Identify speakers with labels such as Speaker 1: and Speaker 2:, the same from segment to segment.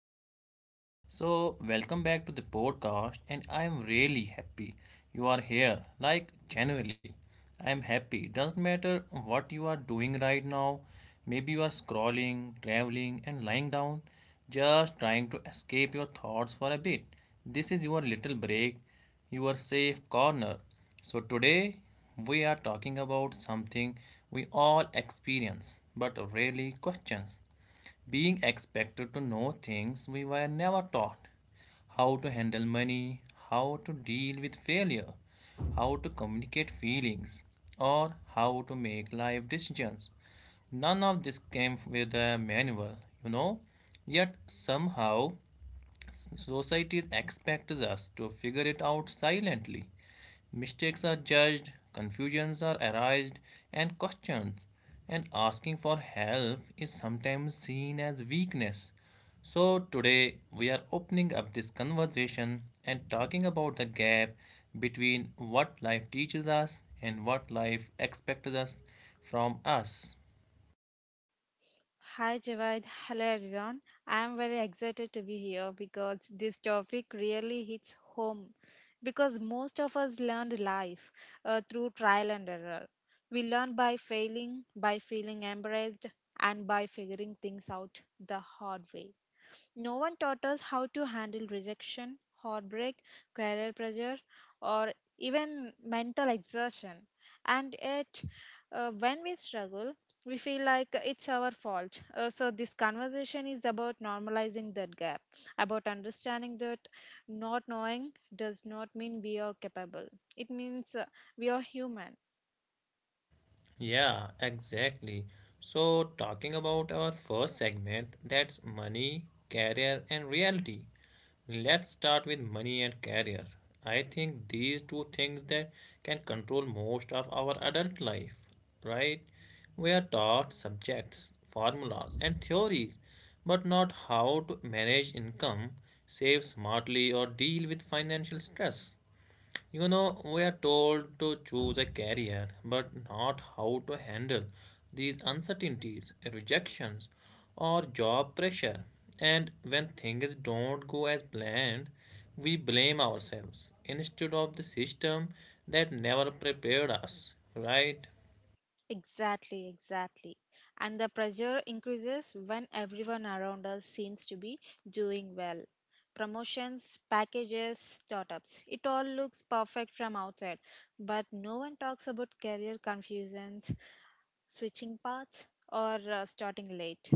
Speaker 1: Kavya. So, welcome back to the podcast, and I am really happy you are here. Like, genuinely, I am happy. Doesn't matter what you are doing right now, maybe you are scrolling, traveling, and lying down, just trying to escape your thoughts for a bit. This is your little break your safe corner. So, today we are talking about something we all experience but rarely questions being expected to know things we were never taught how to handle money, how to deal with failure, how to communicate feelings, or how to make life decisions. None of this came with a manual, you know, yet somehow society expects us to figure it out silently. Mistakes are judged, confusions are erased, and questioned. And asking for help is sometimes seen as weakness. So, today we are opening up this conversation and talking about the gap between what life teaches us and what life expects us from us.
Speaker 2: Hi Javed. Hello everyone. I am very excited to be here because this topic really hits home. Because most of us learned life through trial and error. We learn by failing, by feeling embarrassed, and by figuring things out the hard way. No one taught us how to handle rejection, heartbreak, career pressure, or even mental exertion. And yet, when we struggle, we feel like it's our fault. So, this conversation is about normalizing that gap, about understanding that not knowing does not mean we are capable. It means we are human.
Speaker 1: Yeah, exactly. So, talking about our first segment, that's money, career, and reality. Let's start with money and career. I think these two things that can control most of our adult life, right? We are taught subjects, formulas, and theories, but not how to manage income, save smartly, or deal with financial stress. We are told to choose a career, but not how to handle these uncertainties, rejections, or job pressure. And when things don't go as planned, we blame ourselves instead of the system that never prepared us, right?
Speaker 2: Exactly, exactly. And the pressure increases when everyone around us seems to be doing well. Promotions, packages, startups. It all looks perfect from outside, but no one talks about career confusions, switching paths, or starting late.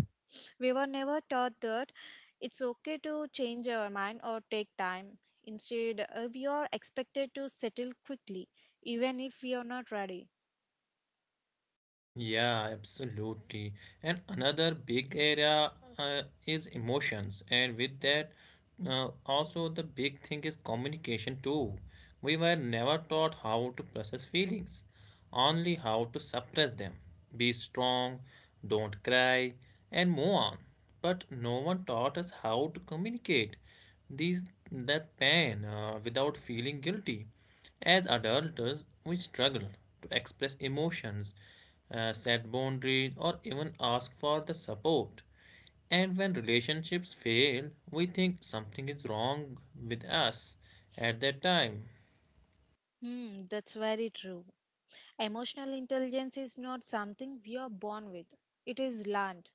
Speaker 2: We were never taught that it's okay to change our mind or take time. Instead, we are expected to settle quickly, even if we are not ready.
Speaker 1: Yeah, absolutely. And another big area is emotions, and with that, also the big thing is communication too. We were never taught how to process feelings, only how to suppress them. Be strong, don't cry, and move on. But no one taught us how to communicate these that pain without feeling guilty. As adults, we struggle to express emotions, set boundaries, or even ask for the support. And when relationships fail, we think something is wrong with us at that time.
Speaker 2: Hmm, that's very true. Emotional intelligence is not something we are born with, it is learned.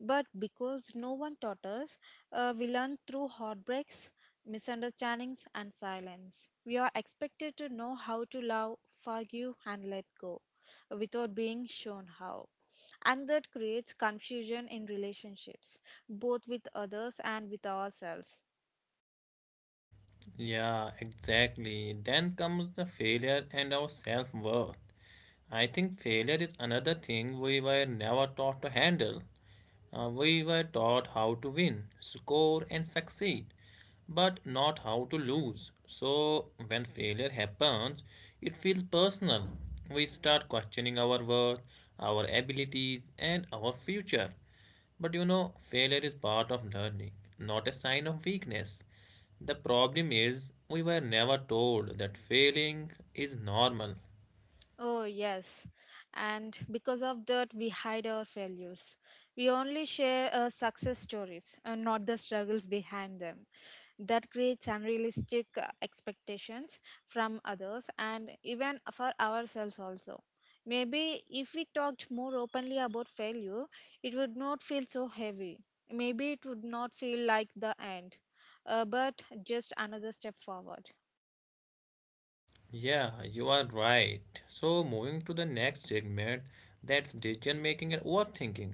Speaker 2: But because no one taught us, we learn through heartbreaks, misunderstandings, and silence. We are expected to know how to love, forgive, and let go without being shown how. And that creates confusion in relationships, both with others and with ourselves.
Speaker 1: Yeah, exactly. Then comes the failure and our self worth. I think failure is another thing we were never taught to handle. We were taught how to win, score, and succeed, but not how to lose. So, when failure happens, it feels personal. We start questioning our worth, our abilities, and our future. But failure is part of learning, not a sign of weakness. The problem is, we were never told that failing is normal.
Speaker 2: Oh, yes. And because of that, we hide our failures. We only share our success stories and not the struggles behind them. That creates unrealistic expectations from others and even for ourselves also. Maybe if we talked more openly about failure, it would not feel so heavy. Maybe it would not feel like the end, but just another step forward.
Speaker 1: Yeah, you are right. So, moving to the next segment that's decision making and overthinking.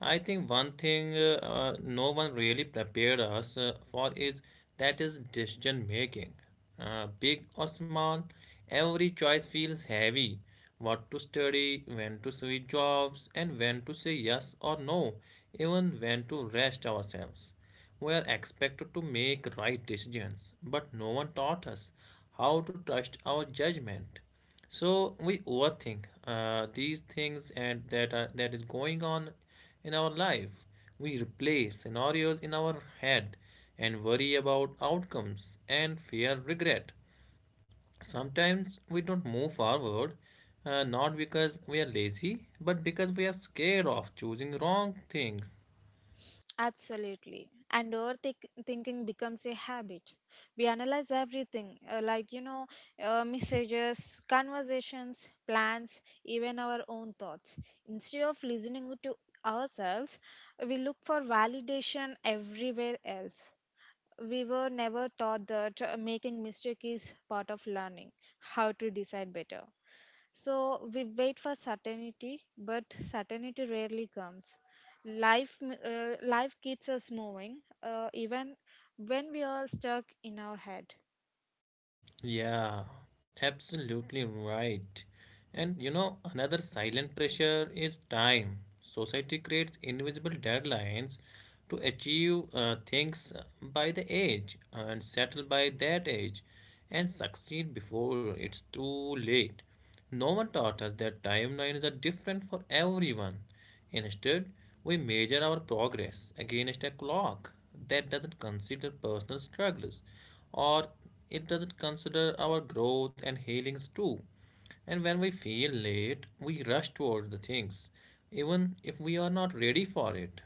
Speaker 1: I think one thing no one really prepared us for is that is decision making. Big or small, every choice feels heavy. What to study, when to switch jobs, and when to say yes or no, even when to rest ourselves. We are expected to make right decisions, but no one taught us how to trust our judgment. So we overthink these things and that are, that is going on in our life. We replay scenarios in our head and worry about outcomes and fear regret. Sometimes we don't move forward, not because we are lazy, but because we are scared of choosing wrong things.
Speaker 2: Absolutely. And overthinking becomes a habit. We analyze everything, like, you know, messages, conversations, plans, even our own thoughts. Instead of listening to ourselves, we look for validation everywhere else. We were never taught that making mistake is part of learning how to decide better. So we wait for certainty, but certainty rarely comes. Life keeps us moving even when we are stuck in our head.
Speaker 1: Yeah, absolutely right. And another silent pressure is time. Society creates invisible deadlines to achieve things by the age and settle by that age and succeed before it's too late. No one taught us that timelines are different for everyone. Instead, we measure our progress against a clock that doesn't consider personal struggles or it doesn't consider our growth and healings too. And when we feel late, we rush towards the things, even if we are not ready for it.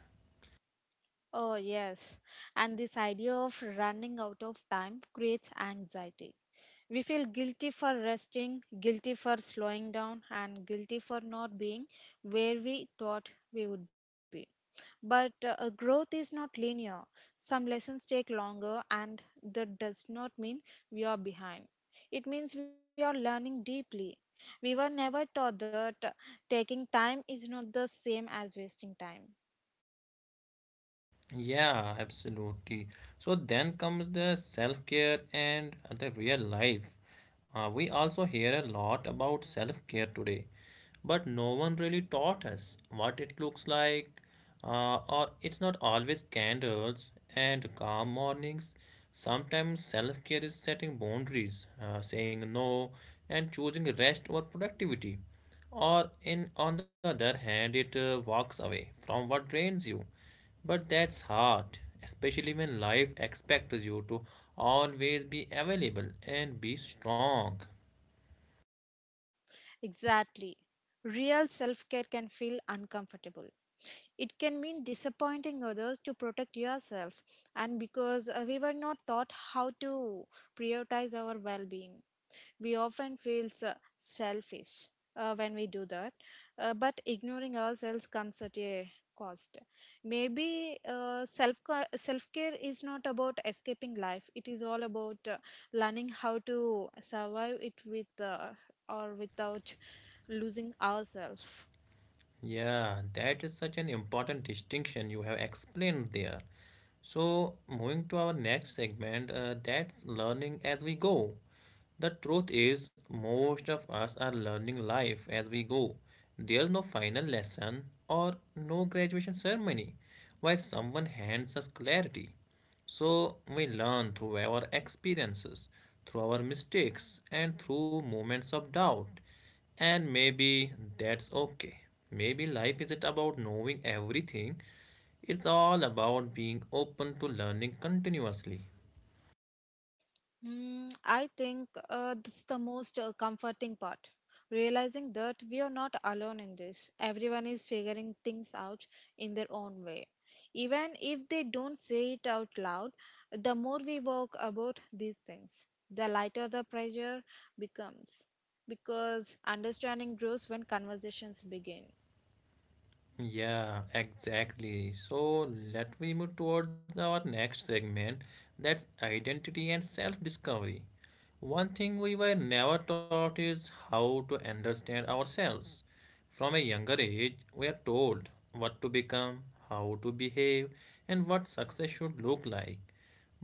Speaker 2: Oh, yes. And this idea of running out of time creates anxiety. We feel guilty for resting, guilty for slowing down, and guilty for not being where we thought we would be. But growth is not linear. Some lessons take longer, and that does not mean we are behind. It means we are learning deeply. We were never taught that taking time is not the same as wasting time.
Speaker 1: Yeah, absolutely. So then comes the self-care and the real life. We also hear a lot about self-care today, but no one really taught us what it looks like. Or it's not always candles and calm mornings. Sometimes self-care is setting boundaries, saying no, and choosing rest or productivity. Or in on the other hand, it walks away from what drains you. But that's hard, especially when life expects you to always be available and be strong.
Speaker 2: Exactly. Real self care can feel uncomfortable. It can mean disappointing others to protect yourself, and because we were not taught how to prioritize our well being. We often feel selfish when we do that, but ignoring ourselves comes at a cost. Maybe self care is not about escaping life, it is all about learning how to survive it with or without losing ourselves.
Speaker 1: Yeah, that is such an important distinction you have explained there. So, moving to our next segment, that's learning as we go. The truth is, most of us are learning life as we go. There's no final lesson or no graduation ceremony where someone hands us clarity. So we learn through our experiences, through our mistakes, and through moments of doubt. And maybe that's okay. Maybe life isn't about knowing everything, it's all about being open to learning continuously.
Speaker 2: Mm, I think that's the most comforting part. Realizing that we are not alone in this. Everyone is figuring things out in their own way. Even if they don't say it out loud, the more we work about these things, the lighter the pressure becomes. Because understanding grows when conversations begin.
Speaker 1: Yeah, exactly. So let me move towards our next segment that's identity and self discovery. One thing we were never taught is how to understand ourselves. From a younger age, we are told what to become, how to behave, and what success should look like.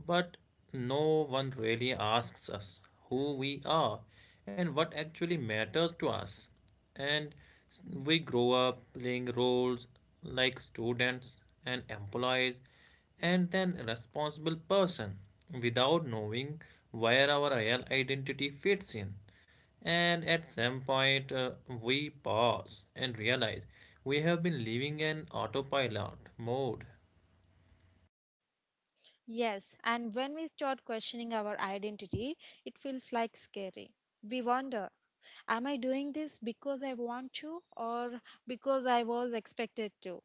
Speaker 1: But no one really asks us who we are and what actually matters to us. And s- we grow up playing roles like students and employees and then responsible person without knowing where our real identity fits in. And at some point, we pause and realize we have been living in autopilot mode.
Speaker 2: Yes, and when we start questioning our identity, it feels like scary. We wonder, am I doing this because I want to or because I was expected to?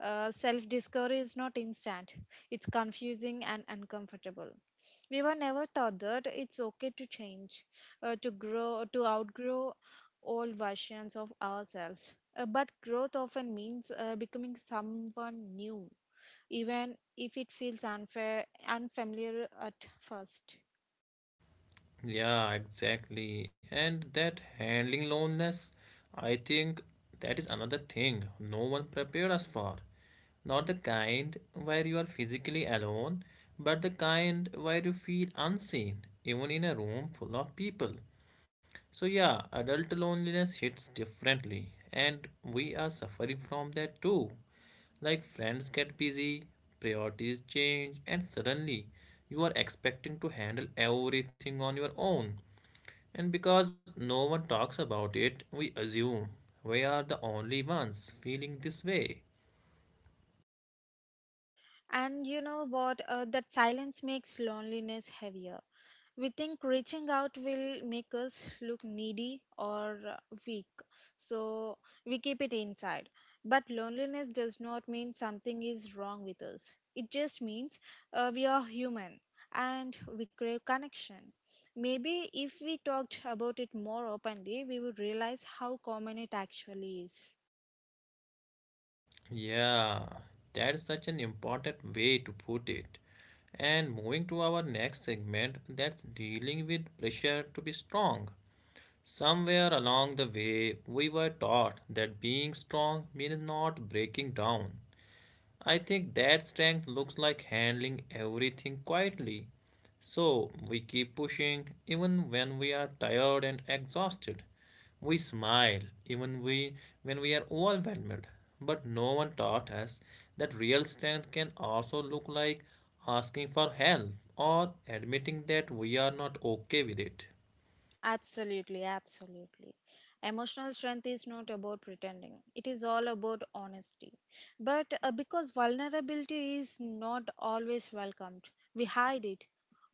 Speaker 2: Self discovery is not instant, it's confusing and uncomfortable. We were never taught that it's okay to change, to grow, to outgrow old versions of ourselves. But growth often means becoming someone new, even if it feels unfair, unfamiliar at first.
Speaker 1: Yeah, exactly. And that handling loneliness, I think that is another thing no one prepared us for. Not the kind where you are physically alone, but the kind where you feel unseen, even in a room full of people. So, yeah, adult loneliness hits differently, and we are suffering from that too. Like friends get busy, priorities change, and suddenly you are expecting to handle everything on your own. And because no one talks about it, we assume we are the only ones feeling this way.
Speaker 2: And you know what? That silence makes loneliness heavier. We think reaching out will make us look needy or weak, so we keep it inside. But loneliness does not mean something is wrong with us, it just means we are human and we crave connection. Maybe if we talked about it more openly, we would realize how common it actually is.
Speaker 1: Yeah, that's such an important way to put it. And moving to our next segment, that's dealing with pressure to be strong. Somewhere along the way, we were taught that being strong means not breaking down, I think that strength looks like handling everything quietly. So we keep pushing even when we are tired and exhausted. We smile even we when we are overwhelmed. But no one taught us that real strength can also look like asking for help or admitting that we are not okay with it.
Speaker 2: Absolutely, absolutely. Emotional strength is not about pretending, it is all about honesty. But because vulnerability is not always welcomed, we hide it.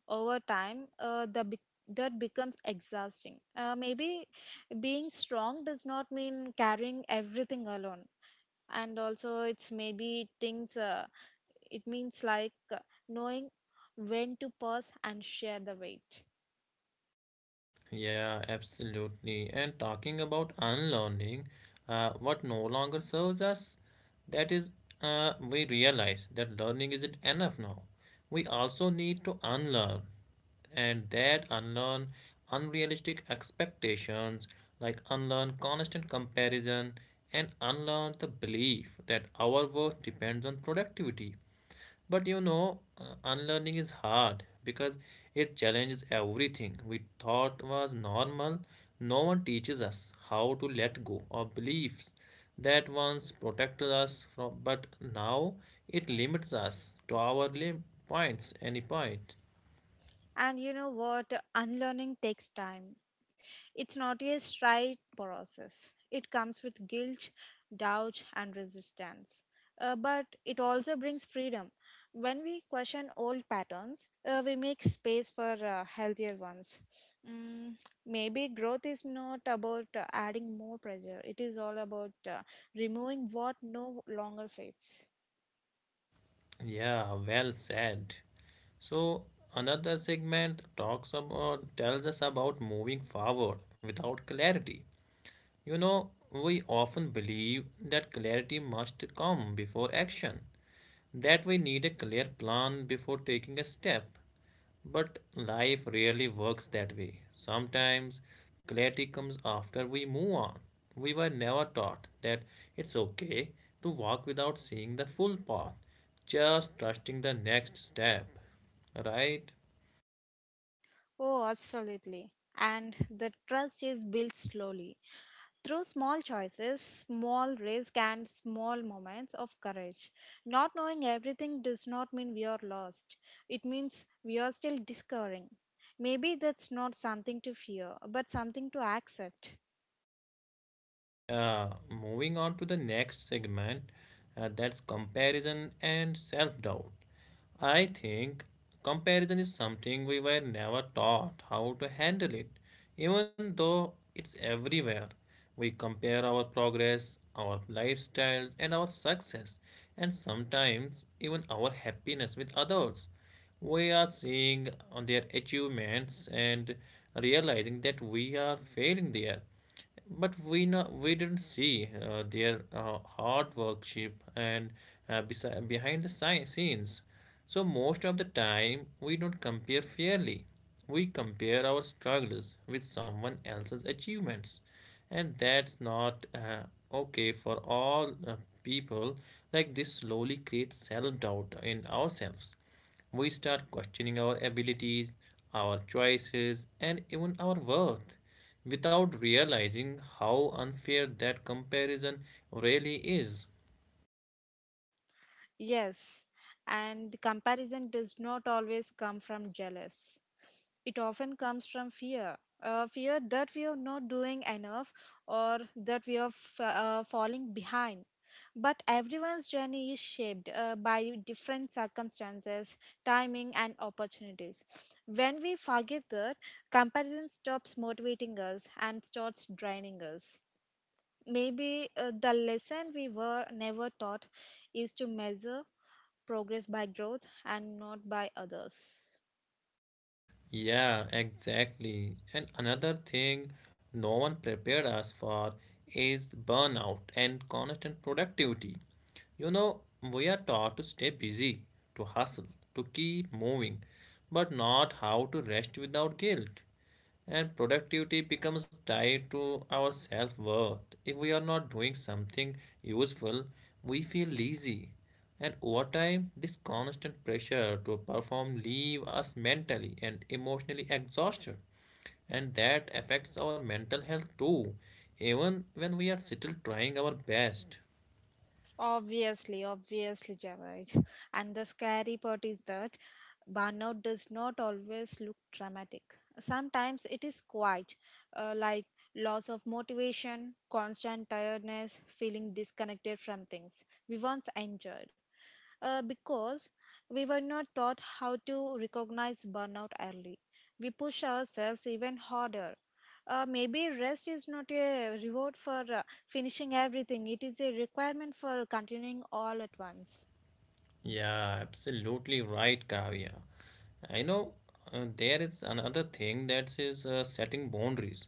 Speaker 2: Over time, that becomes exhausting. Maybe being strong does not mean carrying everything alone. And also, it's maybe things, it means like knowing when to pause and share the weight.
Speaker 1: Yeah, absolutely. And talking about unlearning, what no longer serves us, that is, we realize that learning isn't enough now. We also need to unlearn, and that unlearn unrealistic expectations, like unlearn constant comparison, and unlearn the belief that our worth depends on productivity. But unlearning is hard because it challenges everything we thought was normal. No one teaches us how to let go of beliefs that once protected us from, but now it limits us to our points, any point.
Speaker 2: And you know what? Unlearning takes time. It's not a straight process. It comes with guilt, doubt, and resistance. But it also brings freedom. When we question old patterns, we make space for healthier ones. Mm, maybe growth is not about adding more pressure, it is all about removing what no longer fits.
Speaker 1: Yeah, well said. So another segment talks about tells us about moving forward without clarity. We often believe that clarity must come before action, that we need a clear plan before taking a step. But life rarely works that way. Sometimes clarity comes after we move on. We were never taught that it's okay to walk without seeing the full path, just trusting the next step, right?
Speaker 2: Oh, absolutely. And the trust is built slowly through small choices, small risk, and small moments of courage. Not knowing everything does not mean we are lost. It means we are still discovering. Maybe that's not something to fear, but something to accept.
Speaker 1: Yeah, moving on to the next segment, that's comparison and self doubt. I think comparison is something we were never taught how to handle it, even though it's everywhere. We compare our progress, our lifestyles, and our success, and sometimes even our happiness with others. We are seeing on their achievements and realizing that we are failing there. But we no, we didn't see their hard workship and behind the scenes. So most of the time we don't compare fairly. We compare our struggles with someone else's achievements, and that's not okay for all people. Like this slowly creates self doubt in ourselves. We start questioning our abilities, our choices, and even our worth without realizing how unfair that comparison really is.
Speaker 2: Yes, and comparison does not always come from jealous. It often comes from fear. Fear that we are not doing enough or that we are falling behind. But everyone's journey is shaped by different circumstances, timing, and opportunities. When we forget that, comparison stops motivating us and starts draining us. Maybe the lesson we were never taught is to measure progress by growth and not by others.
Speaker 1: Yeah, exactly. And another thing no one prepared us for is burnout and constant productivity. You know, we are taught to stay busy, to hustle, to keep moving, but not how to rest without guilt. And productivity becomes tied to our self worth. If we are not doing something useful, we feel lazy. And over time, this constant pressure to perform leave us mentally and emotionally exhausted. And that affects our mental health too, even when we are still trying our best.
Speaker 2: Obviously, obviously, Javed. And the scary part is that burnout does not always look dramatic. Sometimes it is quiet, like loss of motivation, constant tiredness, feeling disconnected from things we once enjoyed because we were not taught how to recognize burnout early. We push ourselves even harder. Maybe rest is not a reward for finishing everything, it is a requirement for continuing all at once.
Speaker 1: Yeah, absolutely right, Kavya. I know there is another thing that is setting boundaries,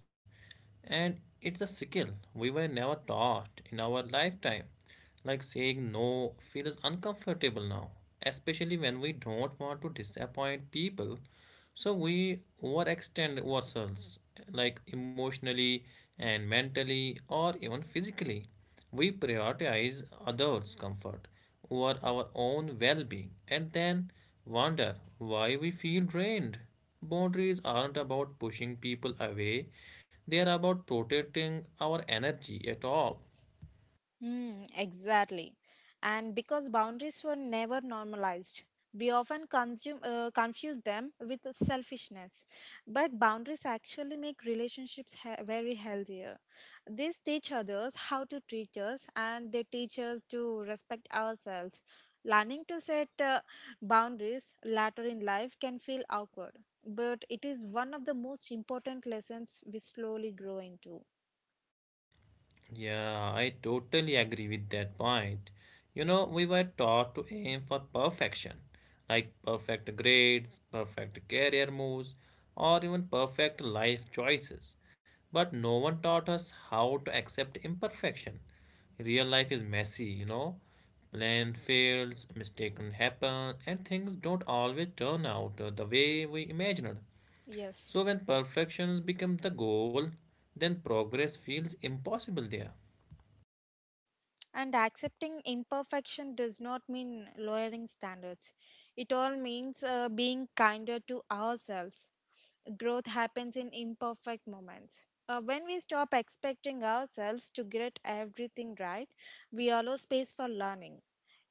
Speaker 1: and it's a skill we were never taught in our lifetime. Like saying no feels uncomfortable now, especially when we don't want to disappoint people. So we overextend ourselves, like emotionally and mentally, or even physically. We prioritize others' comfort over our own well being and then wonder why we feel drained. Boundaries aren't about pushing people away, they are about protecting our energy at all.
Speaker 2: Hmm, exactly. And because boundaries were never normalized, we often consume, confuse them with selfishness. But boundaries actually make relationships very healthier. These teach others how to treat us and they teach us to respect ourselves. Learning to set boundaries later in life can feel awkward, but it is one of the most important lessons we slowly grow into.
Speaker 1: Yeah, I totally agree with that point. We were taught to aim for perfection, like perfect grades, perfect career moves, or even perfect life choices. But no one taught us how to accept imperfection. Real life is messy. Plan fails, mistaken happen, and things don't always turn out the way we imagined.
Speaker 2: Yes.
Speaker 1: So when perfections become the goal, then progress feels impossible there.
Speaker 2: And accepting imperfection does not mean lowering standards. It all means being kinder to ourselves. Growth happens in imperfect moments. When we stop expecting ourselves to get everything right, we allow space for learning.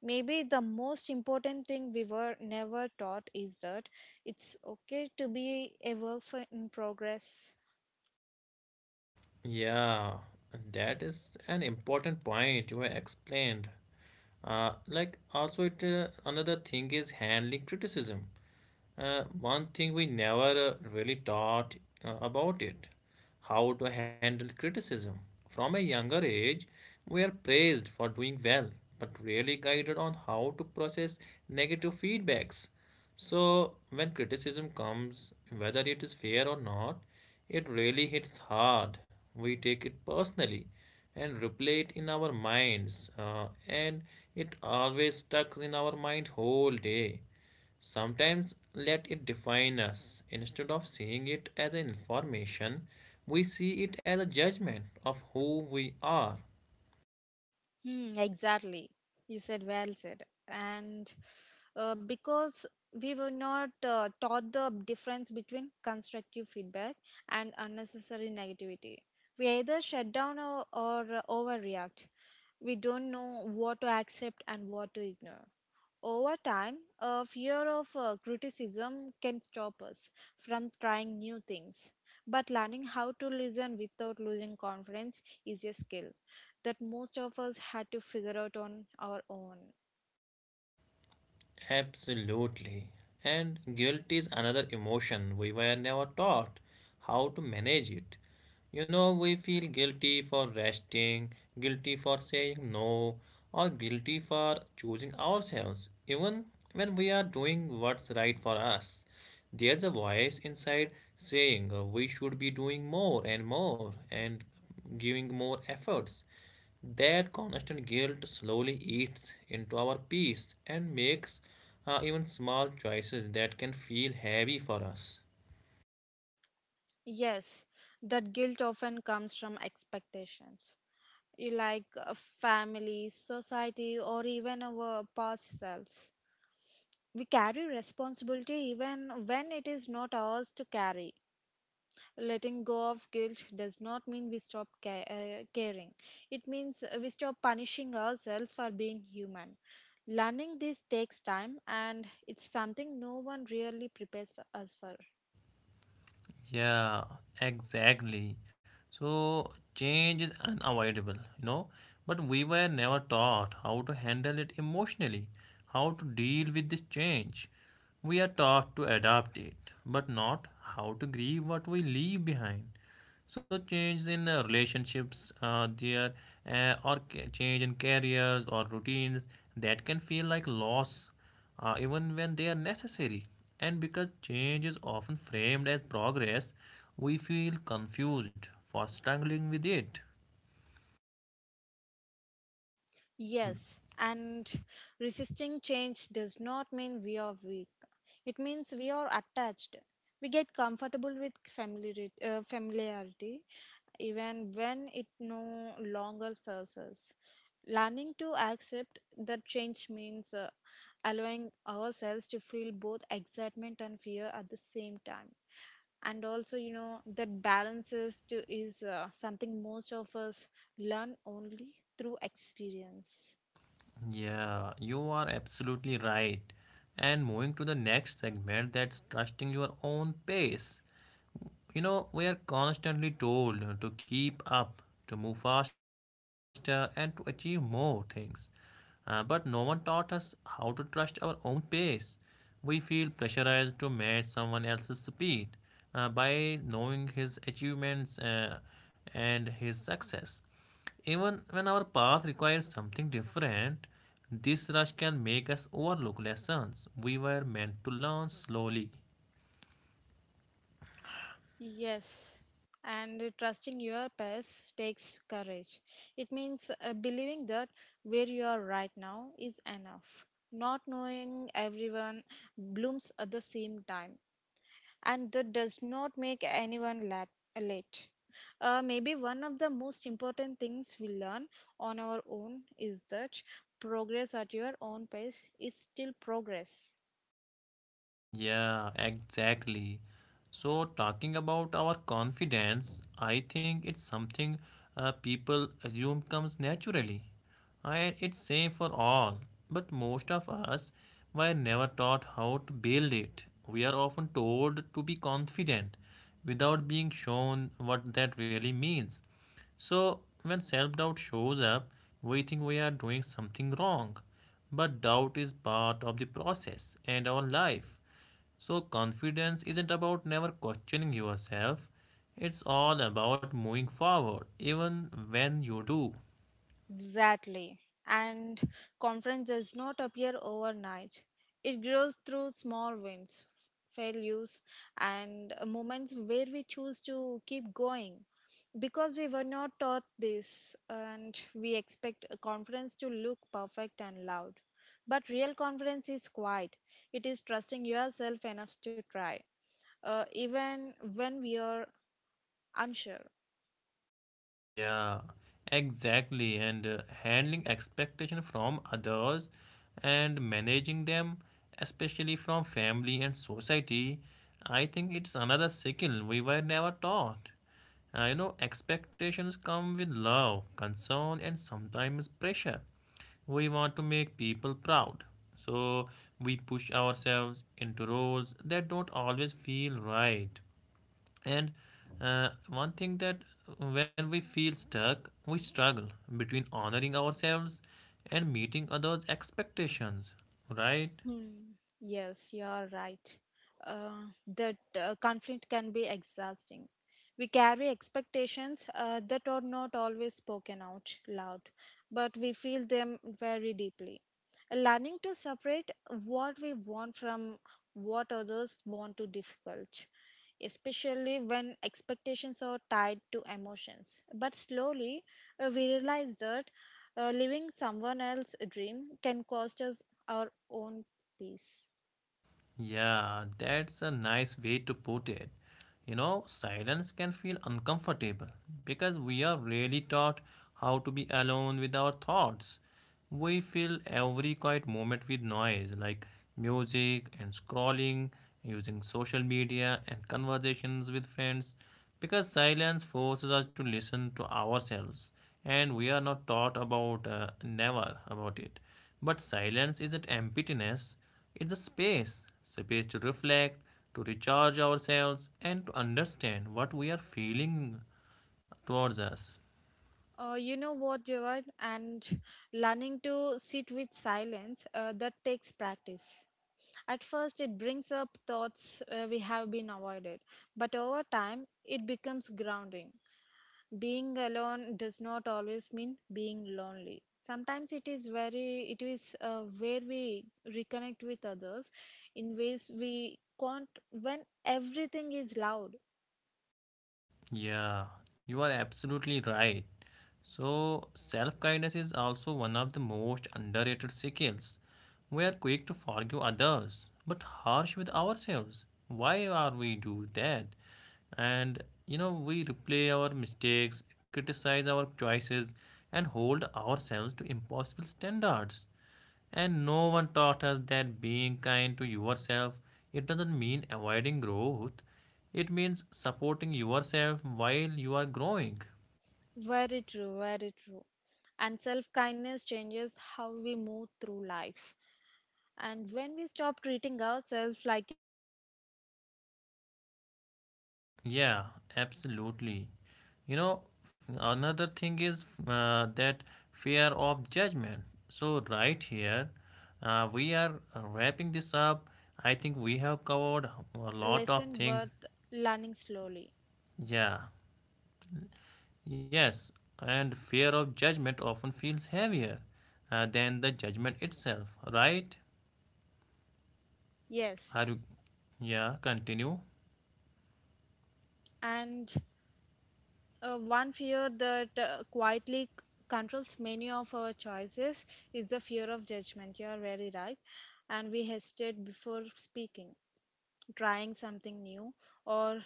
Speaker 2: Maybe the most important thing we were never taught is that it's okay to be a work for in progress.
Speaker 1: Yeah, that is an important point you explained. Like also it another thing is handling criticism. One thing we never really taught about it how to handle criticism. From a younger age, we are praised for doing well, but rarely guided on how to process negative feedbacks. So, when criticism comes, whether it is fair or not, it really hits hard. We take it personally and replay it in our minds, and it always stuck in our mind whole day. Sometimes let it define us. Instead of seeing it as information, we see it as a judgment of who we are.
Speaker 2: Hmm, exactly. You said well said. And because we were not taught the difference between constructive feedback and unnecessary negativity, we either shut down or overreact. We don't know what to accept and what to ignore. Over time, a fear of criticism can stop us from trying new things. But learning how to listen without losing confidence is a skill that most of us had to figure out on our own.
Speaker 1: Absolutely. And guilt is another emotion. We were never taught how to manage it. We feel guilty for resting, guilty for saying no, or guilty for choosing ourselves, even when we are doing what's right for us. There's a voice inside saying we should be doing more and more and giving more efforts. That constant guilt slowly eats into our peace and makes even small choices that can feel heavy for us.
Speaker 2: Yes, that guilt often comes from expectations, you like family, society, or even our past selves. We carry responsibility even when it is not ours to carry. Letting go of guilt does not mean we stop caring, it means we stop punishing ourselves for being human. Learning this takes time and it's something no one really prepares for us for.
Speaker 1: Yeah, exactly. So change is unavoidable, but we were never taught how to handle it emotionally, how to deal with this change. We are taught to adapt it, but not how to grieve what we leave behind. So change in relationships there or change in careers or routines that can feel like loss even when they are necessary. And because change is often framed as progress, we feel confused for struggling with it.
Speaker 2: Yes, and resisting change does not mean we are weak. It means we are attached. We get comfortable with familiarity, even when it no longer serves us. Learning to accept that change means allowing ourselves to feel both excitement and fear at the same time, and also you know that balances to is something most of us learn only through experience.
Speaker 1: Yeah, you are absolutely right. And moving to the next segment, that's trusting your own pace. We are constantly told to keep up, to move faster, and to achieve more things. But no one taught us how to trust our own pace. We feel pressurized to match someone else's speed by knowing his achievements and his success. Even when our path requires something different, this rush can make us overlook lessons we were meant to learn slowly.
Speaker 2: Yes, and trusting your past takes courage. It means believing that where you are right now is enough. Not knowing everyone blooms at the same time, and that does not make anyone late. Maybe one of the most important things we learn on our own is that progress at your own pace is still progress.
Speaker 1: Yeah, exactly. So, talking about our confidence, I think it's something people assume comes naturally. And it's same for all. But most of us were never taught how to build it. We are often told to be confident without being shown what that really means. So, when self doubt shows up, we think we are doing something wrong. But doubt is part of the process and our life. So, confidence isn't about never questioning yourself, it's all about moving forward, even when you do.
Speaker 2: Exactly. And confidence does not appear overnight. It grows through small wins, failures, and moments where we choose to keep going. Because we were not taught this, and we expect a confidence to look perfect and loud. But real confidence is quiet, it is trusting yourself enough to try, even when we are unsure.
Speaker 1: Yeah, exactly. And handling expectation from others and managing them, especially from family and society, I think it's another skill we were never taught. You know, expectations come with love, concern, and sometimes pressure. We want to make people proud. So we push ourselves into roles that don't always feel right. And one thing that when we feel stuck, we struggle between honoring ourselves and meeting others' expectations, right?
Speaker 2: Hmm. Yes, you are right. Uh, that conflict can be exhausting. We carry expectations that are not always spoken out loud, but we feel them very deeply. Learning to separate what we want from what others want to difficult, especially when expectations are tied to emotions. But slowly we realize that living someone else's dream can cost us our own peace.
Speaker 1: Yeah, that's a nice way to put it. You know, silence can feel uncomfortable because we are really taught how to be alone with our thoughts. We fill every quiet moment with noise like music and scrolling, using social media and conversations with friends because silence forces us to listen to ourselves and we are not taught about never about it. But silence isn't emptiness, it's a space to reflect, to recharge ourselves, and to understand what we are feeling towards us.
Speaker 2: You know what, Javad? And learning to sit with silence, that takes practice. At first, it brings up thoughts we have been avoided, but over time, it becomes grounding. Being alone does not always mean being lonely. Sometimes it is where we reconnect with others in ways we can't when everything is loud.
Speaker 1: Yeah, you are absolutely right. So, self kindness is also one of the most underrated skills. We are quick to forgive others, but harsh with ourselves. Why are we do that? And We replay our mistakes, criticize our choices, and hold ourselves to impossible standards. And no one taught us that being kind to yourself it doesn't mean avoiding growth. It means supporting yourself while you are growing.
Speaker 2: Very true, very true. And self kindness changes how we move through life. And when we stop treating ourselves like a problem to fix and start treating
Speaker 1: Yeah,
Speaker 2: ourselves
Speaker 1: absolutely.
Speaker 2: like
Speaker 1: You
Speaker 2: someone
Speaker 1: know,
Speaker 2: we care
Speaker 1: another
Speaker 2: about,
Speaker 1: thing is
Speaker 2: things shift.
Speaker 1: that
Speaker 2: We still
Speaker 1: fear
Speaker 2: learn,
Speaker 1: of
Speaker 2: we still
Speaker 1: judgment.
Speaker 2: improve,
Speaker 1: So right
Speaker 2: and
Speaker 1: here,
Speaker 2: but
Speaker 1: we
Speaker 2: without
Speaker 1: are
Speaker 2: constant
Speaker 1: wrapping this
Speaker 2: self
Speaker 1: up. I
Speaker 2: punishment.
Speaker 1: think we have
Speaker 2: Maybe
Speaker 1: covered
Speaker 2: that's
Speaker 1: a
Speaker 2: a
Speaker 1: lot of
Speaker 2: lesson
Speaker 1: things.
Speaker 2: worth learning slowly.
Speaker 1: Yeah. Yes, and fear of judgment often feels heavier than the judgment itself, right? Are
Speaker 2: Yes.
Speaker 1: you, yeah, continue.
Speaker 2: And one fear that quietly controls many of our choices is the fear of judgment. You are very right. And we hesitate before speaking, trying something new, or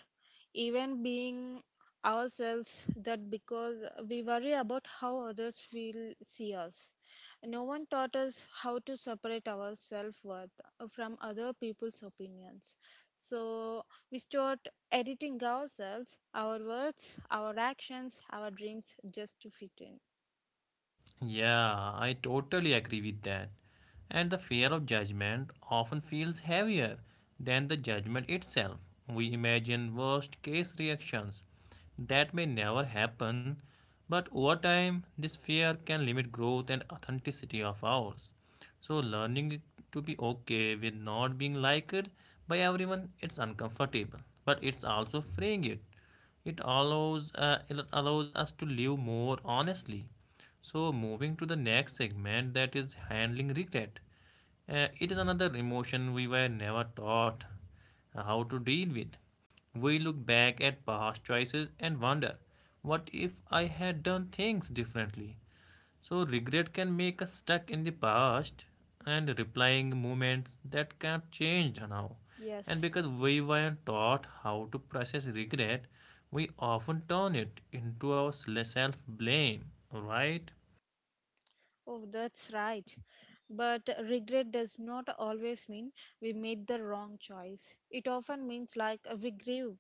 Speaker 2: even being ourselves, that because we worry about how others will see us. No one taught us how to separate our self-worth from other people's opinions, so we start editing ourselves, our words, our actions, our dreams, just to fit in.
Speaker 1: Yeah, I totally agree with that. And the fear of judgment often feels heavier than the judgment itself. We imagine worst case reactions that may never happen, but over time, this fear can limit growth and authenticity of ours. So, learning to be okay with not being liked by everyone, it's uncomfortable, but it's also freeing it. It allows us to live more honestly. So moving to the next segment, that is handling regret. It is another emotion we were never taught how to deal with. We look back at past choices and wonder, what if I had done things differently? So regret can make us stuck in the past and replying moments that can't change now. And
Speaker 2: Yes.
Speaker 1: because we weren't taught how to process regret, we often turn it into our self blame, right?
Speaker 2: Oh, that's right. But regret does not always mean we made the wrong choice. It often means like we grew.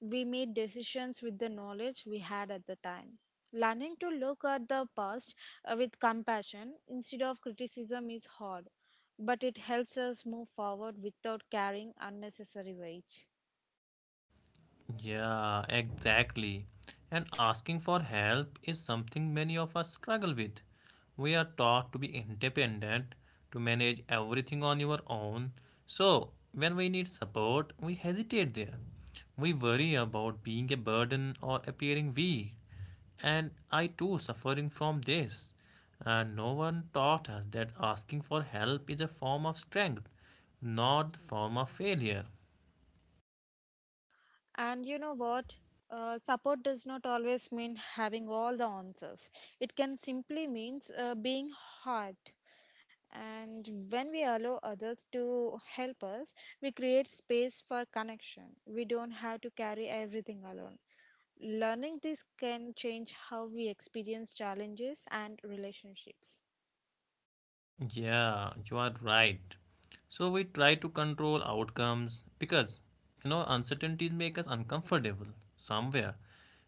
Speaker 2: We made decisions with the knowledge we had at the time. Learning to look at the past with compassion instead of criticism is hard, but it helps us move forward without carrying unnecessary weight.
Speaker 1: Yeah, exactly. And asking for help is something many of us struggle with. We are taught to be independent, to manage everything on your own. So, when we need support, we hesitate there. We worry about being a burden or appearing weak. And I too suffering from this. And no one taught us that asking for help is a form of strength, not the form of failure.
Speaker 2: And you know what? Support does not always mean having all the answers. It can simply means being heard. And when we allow others to help us, we create space for connection. We don't have to carry everything alone. Learning this can change how we experience challenges and relationships.
Speaker 1: Yeah, you are right. So we try to control outcomes because uncertainties make us uncomfortable somewhere.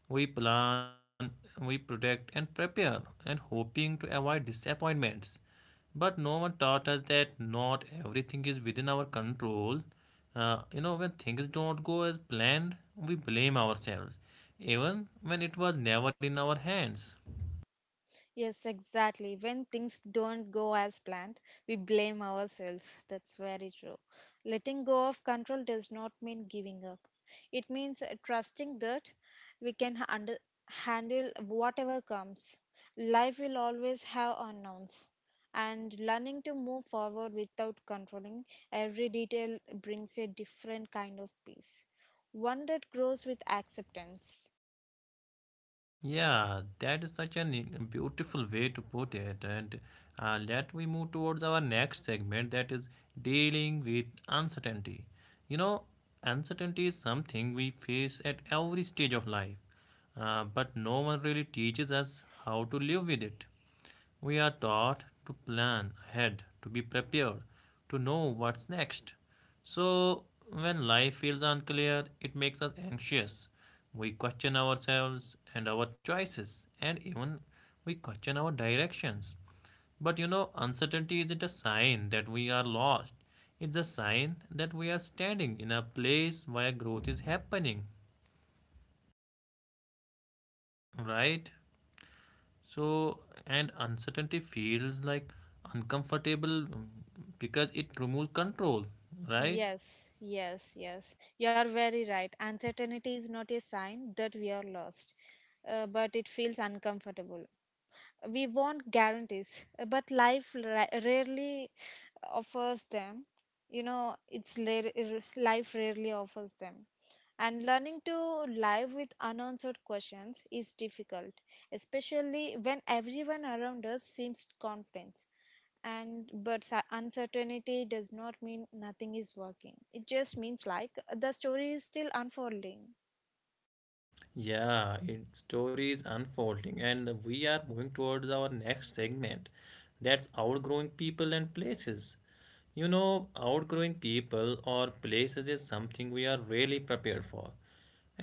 Speaker 1: We plan, we protect and prepare and hoping to avoid disappointments. But no one taught us that not everything is within our control. When things don't go as planned, we blame ourselves, even when it was never in our hands.
Speaker 2: Yes, exactly. When things don't go as planned, we blame ourselves. That's very true. Letting go of control does not mean giving up, it means trusting that we handle whatever comes. Life will always have unknowns, and learning to move forward without controlling every detail brings a different kind of peace, one that grows with acceptance.
Speaker 1: Yeah, that is such a beautiful way to put it. And let we move towards our next segment, that is dealing with uncertainty. You know, uncertainty is something we face at every stage of life, but no one really teaches us how to live with it. We are taught to plan ahead, to be prepared, to know what's next. So, when life feels unclear, it makes us anxious. We question ourselves and our choices, and even we question our directions. But you know, uncertainty isn't a sign that we are lost, it's a sign that we are standing in a place where growth is happening, right? So, and uncertainty feels like uncomfortable because it removes control, right?
Speaker 2: Yes, yes, yes. You are very right. Uncertainty is not a sign that we are lost, but it feels uncomfortable. We want guarantees, but rarely offers them. You know, life rarely offers them. And learning to live with unanswered questions is difficult, especially when everyone around us seems confident, and but uncertainty does not mean nothing is working, it just means like the story is still unfolding.
Speaker 1: Yeah, its story is unfolding, and we are moving towards our next segment. That's outgrowing people and places. You know, outgrowing people or places is something we are really prepared for.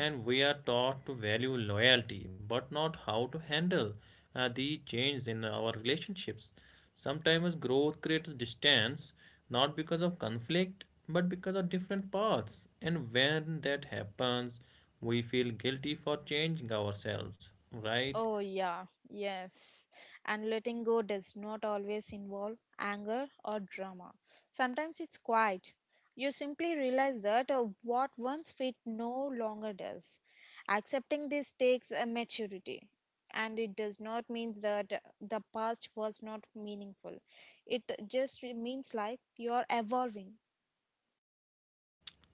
Speaker 1: And we are taught to value loyalty but not how to handle the change in our relationships. Sometimes growth creates distance not because of conflict but because of different paths, and when that happens, we feel guilty for changing ourselves, right?
Speaker 2: Oh, yeah, yes. And letting go does not always involve anger or drama. Sometimes it's quiet. You simply realize that what once fit no longer does. Accepting this takes a maturity, and it does not mean that the past was not meaningful, it just means like you're evolving.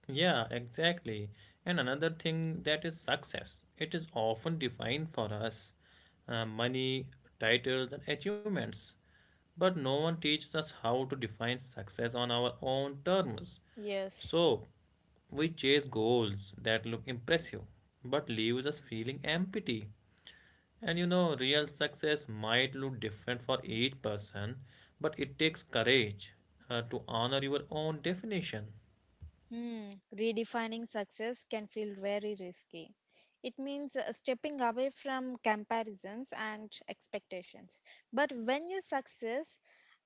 Speaker 1: Yeah, exactly. And another thing that is success. It is often defined for us money, titles, and achievements. But no one teaches us how to define success on our own terms.
Speaker 2: Yes.
Speaker 1: So we chase goals that look impressive but leaves us feeling empty. And you know, real success might look different for each person, but it takes courage to honor your own definition.
Speaker 2: Hmm. Redefining success can feel very risky. It means stepping away from comparisons and expectations. But when your success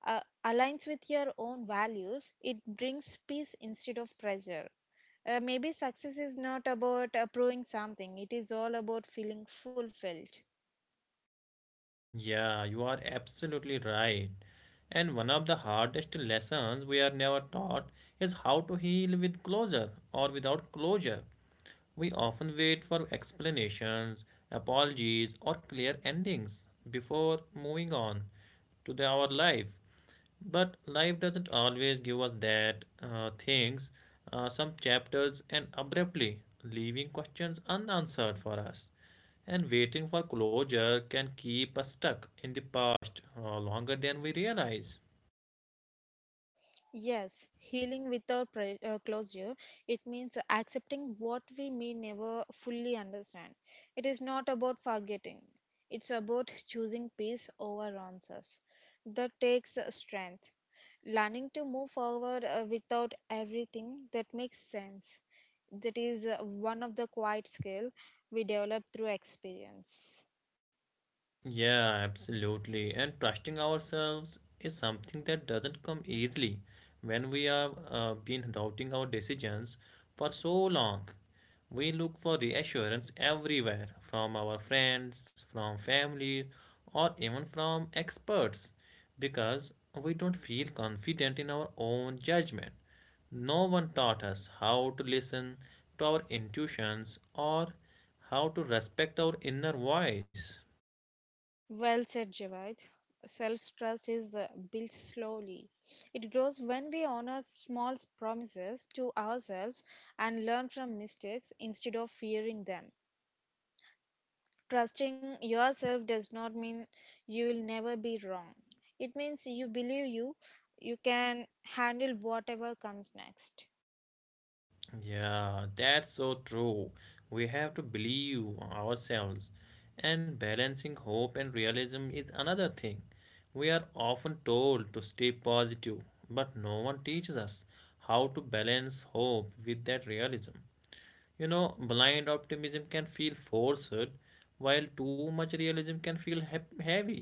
Speaker 2: uh, aligns with your own values, it brings peace instead of pressure. Maybe success is not about proving something, it is all about feeling fulfilled.
Speaker 1: Yeah, you are absolutely right. And one of the hardest lessons we are never taught is how to heal with closure or without closure. We often wait for explanations, apologies, or clear endings before moving on to the, our life. But life doesn't always give us that things. Some chapters end abruptly, leaving questions unanswered for us. And waiting for closure can keep us stuck in the past longer than we realize.
Speaker 2: Yes, healing without closure, it means accepting what we may never fully understand. It is not about forgetting, it's about choosing peace over answers. That takes strength. Learning to move forward without everything that makes sense. That is one of the quiet skill we develop through experience.
Speaker 1: Yeah, absolutely. And trusting ourselves is something that doesn't come easily when we have been doubting our decisions for so long. We look for reassurance everywhere from our friends, from family, or even from experts because we don't feel confident in our own judgment. No one taught us how to listen to our intuitions or how to respect our inner voice.
Speaker 2: Well said, Javed. Self trust is built slowly. It grows when we honor small promises to ourselves and learn from mistakes instead of fearing them. Trusting yourself does not mean you will never be wrong. It means you believe you can handle whatever comes next.
Speaker 1: Yeah, that's so true. We have to believe ourselves. And balancing hope and realism is another thing. We are often told to stay positive, but no one teaches us how to balance hope with that realism. You know, blind optimism can feel forced, while too much realism can feel heavy.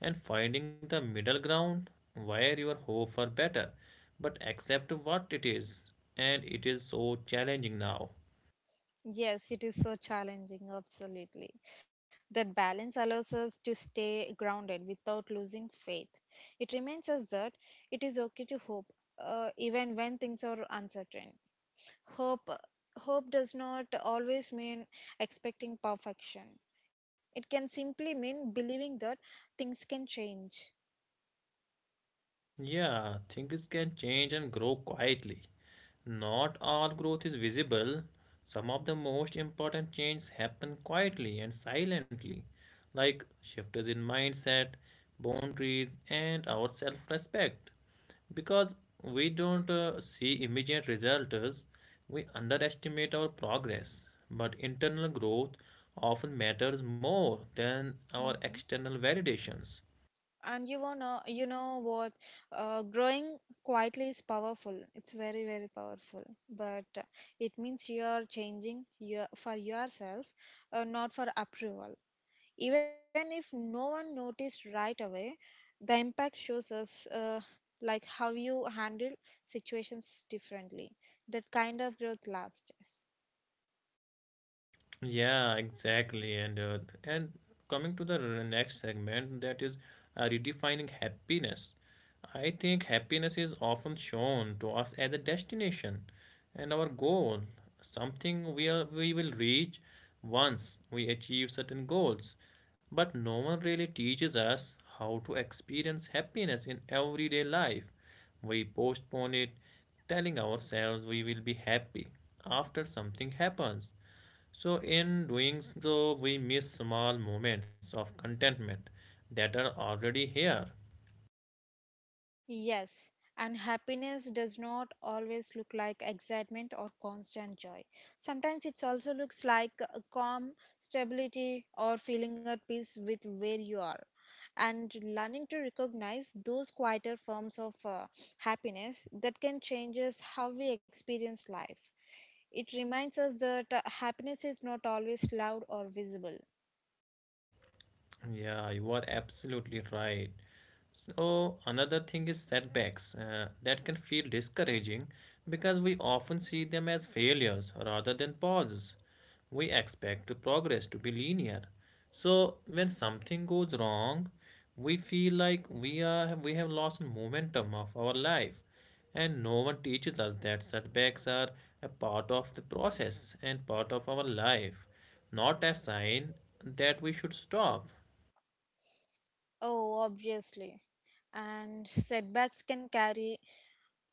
Speaker 1: And finding the middle ground where your hope for better, but accept what it is, and it is so challenging now.
Speaker 2: Yes, it is so challenging, absolutely. That balance allows us to stay grounded without losing faith. It reminds us that it is okay to hope, even when things are uncertain. Hope, hope does not always mean expecting perfection. It can simply mean believing that things can change.
Speaker 1: Yeah, things can change and grow quietly. Not all growth is visible. Some of the most important changes happen quietly and silently, like shifts in mindset, boundaries, and our self respect. Because we don't see immediate results, we underestimate our progress. But internal growth often matters more than our
Speaker 2: Mhm.
Speaker 1: external validations.
Speaker 2: and you wanna you know what growing quietly is powerful, it's very powerful, but it means you are changing your, for yourself, not for approval. Even if no one noticed right away, the impact shows us like how you handle situations differently. That kind of growth lasts.
Speaker 1: Yeah, exactly. And coming to the next segment, that is redefining happiness. I think happiness is often shown to us as a destination and our goal, something we will reach once we achieve certain goals. But no one really teaches us how to experience happiness in everyday life. We postpone it, telling ourselves we will be happy after something happens, so in doing so, we miss small moments of contentment that are already here.
Speaker 2: Yes, and happiness does not always look like excitement or constant joy. Sometimes it also looks like a calm, stability, or feeling at peace with where you are. And learning to recognize those quieter forms of happiness, that can change us how we experience life. It reminds us that happiness is not always loud or visible.
Speaker 1: Yeah, you are absolutely right. So another thing is setbacks that can feel discouraging because we often see them as failures rather than pauses. We expect progress to be linear. So when something goes wrong, we feel like we have lost momentum of our life. And no one teaches us that setbacks are a part of the process and part of our life, not a sign that we should stop.
Speaker 2: Oh, obviously. And setbacks can carry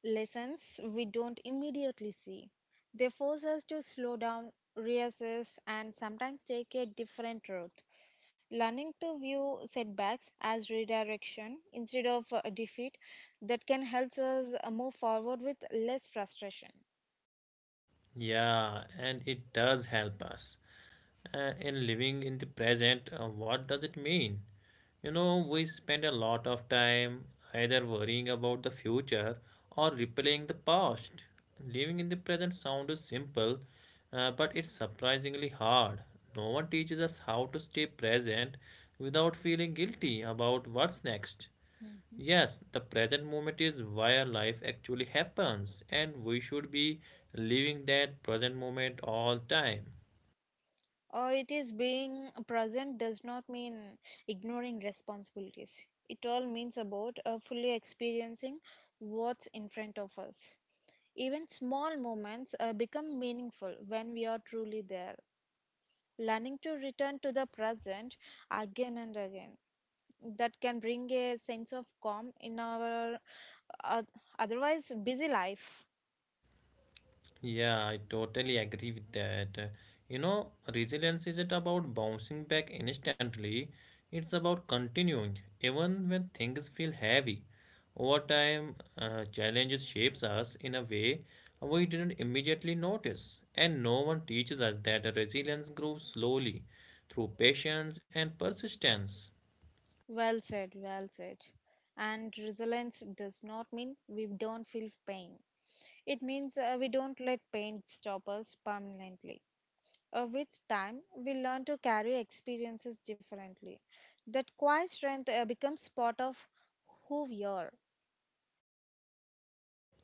Speaker 2: lessons we don't immediately see. They force us to slow down, reassess, and sometimes take a different route. Learning to view setbacks as redirection instead of defeat, that can help us move forward with less frustration.
Speaker 1: Yeah, and it does help us in living in the present. What does it mean? You know, we spend a lot of time either worrying about the future or replaying the past. Living in the present sounds simple, but it's surprisingly hard. No one teaches us how to stay present without feeling guilty about what's next. Yes, the present moment is where life actually happens, and we should be living that present moment all time.
Speaker 2: It is Being present does not mean ignoring responsibilities. It all means about fully experiencing what's in front of us. Even small moments become meaningful when we are truly there. Learning to return to the present again and again. That can bring a sense of calm in our uh, otherwise busy life.
Speaker 1: Yeah, I totally agree with that. You know, resilience isn't about bouncing back instantly, it's about continuing, even when things feel heavy. Over time, challenges shapes us in a way we didn't immediately notice, and no one teaches us that resilience grows slowly through patience and persistence.
Speaker 2: Well said, well said. And resilience does not mean we don't feel pain. It means we don't let pain stop us permanently. With time, we learn to carry experiences differently. That quiet strength becomes part of who we are.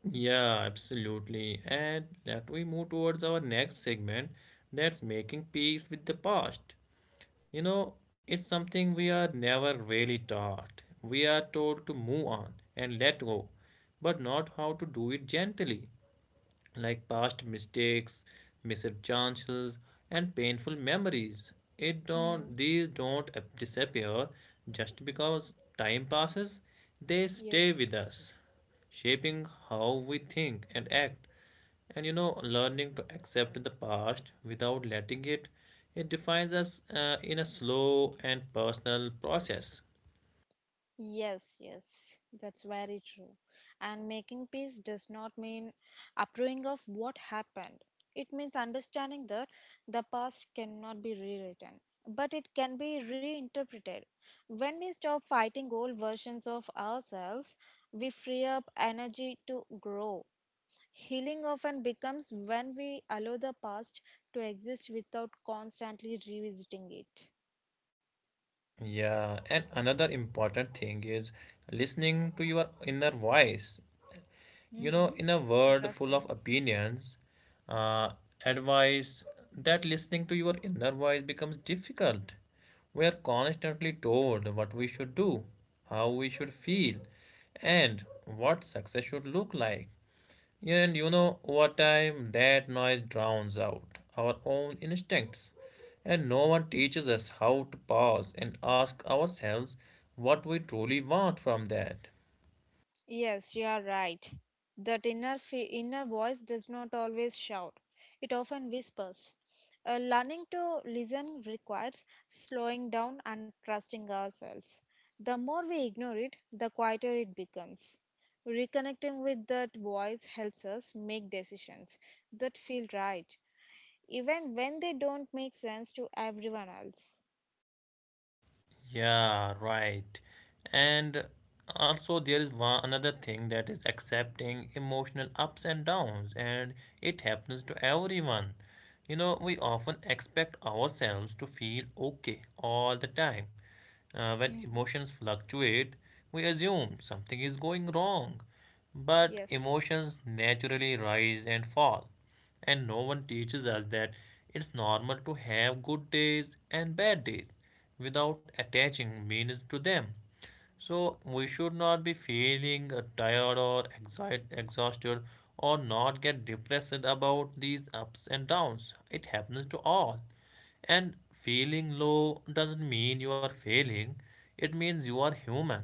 Speaker 1: Yeah, absolutely. And let we move towards our next segment, that's making peace with the past. You know, it's something we are never really taught. We are told to move on and let go, but not how to do it gently, like past mistakes, missed chances, and painful memories. It don't
Speaker 2: Hmm.
Speaker 1: these don't disappear just because time passes. They stay
Speaker 2: Yes.
Speaker 1: with us, shaping how we think and act. And you know, learning to accept the past without letting it defines us in a slow and personal process.
Speaker 2: Yes, yes, that's very true. And making peace does not mean approving of what happened. It means understanding that the past cannot be rewritten, but it can be reinterpreted. When we stop fighting old versions of ourselves, we free up energy to grow. Healing often becomes when we allow the past to exist without constantly revisiting it.
Speaker 1: Yeah, and another important thing is listening to your inner voice. You know,
Speaker 2: Hmm.
Speaker 1: in a world full of
Speaker 2: Interesting.
Speaker 1: opinions, uh, advice, that listening to your inner voice becomes difficult. We are constantly told what we should do, how we should feel, and what success should look like. And you know, over time, that noise drowns out our own instincts, and no one teaches us how to pause and ask ourselves what we truly want from that.
Speaker 2: Yes, you are right. That inner voice does not always shout. It often whispers. Learning to listen requires slowing down and trusting ourselves. The more we ignore it, the quieter it becomes. Reconnecting with that voice helps us make decisions that feel right, even when they don't make sense to everyone else.
Speaker 1: Yeah, right. And also there is one another thing that is accepting emotional ups and downs, and it happens to everyone. You know, we often expect ourselves to feel okay all the time. When
Speaker 2: Mhm.
Speaker 1: emotions fluctuate, we assume something is going wrong. But
Speaker 2: Yes.
Speaker 1: emotions naturally rise and fall. And no one teaches us that it's normal to have good days and bad days without attaching meanings to them. So we should not be feeling tired or exhausted or not get depressed about these ups and downs. It happens to all. And feeling low doesn't mean you are failing, it means you are human.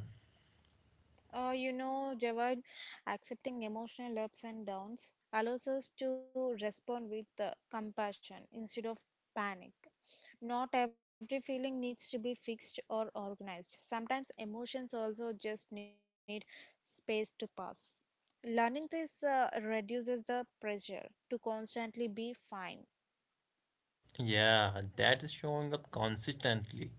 Speaker 2: You know, Javad, accepting emotional ups and downs allows us to respond with compassion instead of panic. Not every feeling needs to be fixed or organized. Sometimes emotions also just need space to pass. Learning this reduces the pressure to constantly be fine.
Speaker 1: Yeah, that is showing up consistently.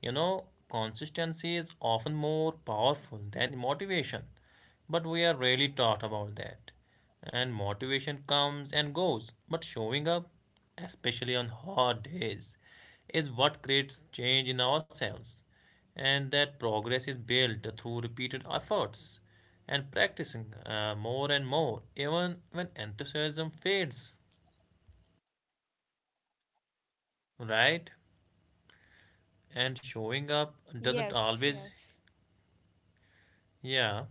Speaker 1: You know, consistency is often more powerful than motivation, but we are rarely taught about that. And motivation comes and goes, but showing up, especially on hard days, is what creates change in ourselves. And that progress is built through repeated efforts and practicing more and more, even when enthusiasm fades, right?
Speaker 2: Yes,
Speaker 1: And
Speaker 2: yes,
Speaker 1: showing up doesn't always, yeah,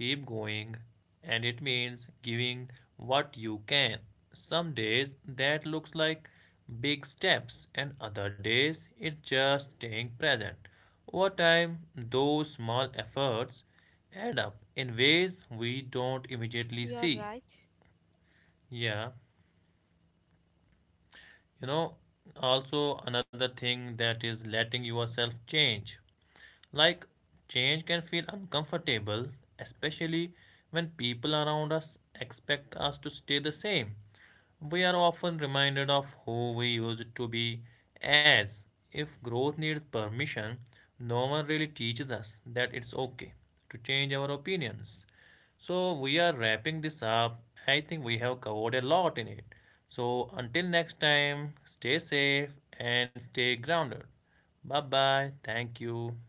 Speaker 1: keep going, and it means giving what you can. Some days that looks like big steps, and other days it's just staying present. Over time those small efforts add up in ways we don't
Speaker 2: you're
Speaker 1: immediately
Speaker 2: right.
Speaker 1: see. Yeah, you know, also another thing that is letting yourself change. Like, change can feel uncomfortable, especially when
Speaker 2: Yes,
Speaker 1: people around
Speaker 2: and
Speaker 1: us
Speaker 2: letting
Speaker 1: expect us to
Speaker 2: yourself
Speaker 1: stay the
Speaker 2: change.
Speaker 1: same. We are
Speaker 2: That can
Speaker 1: often reminded
Speaker 2: change
Speaker 1: of who we used to be as if growth needs permission. No one really teaches us that it's okay to change our opinions. So we are wrapping this up. I think we have covered a lot in it. So until next time, stay safe and stay grounded. Bye bye. Thank you.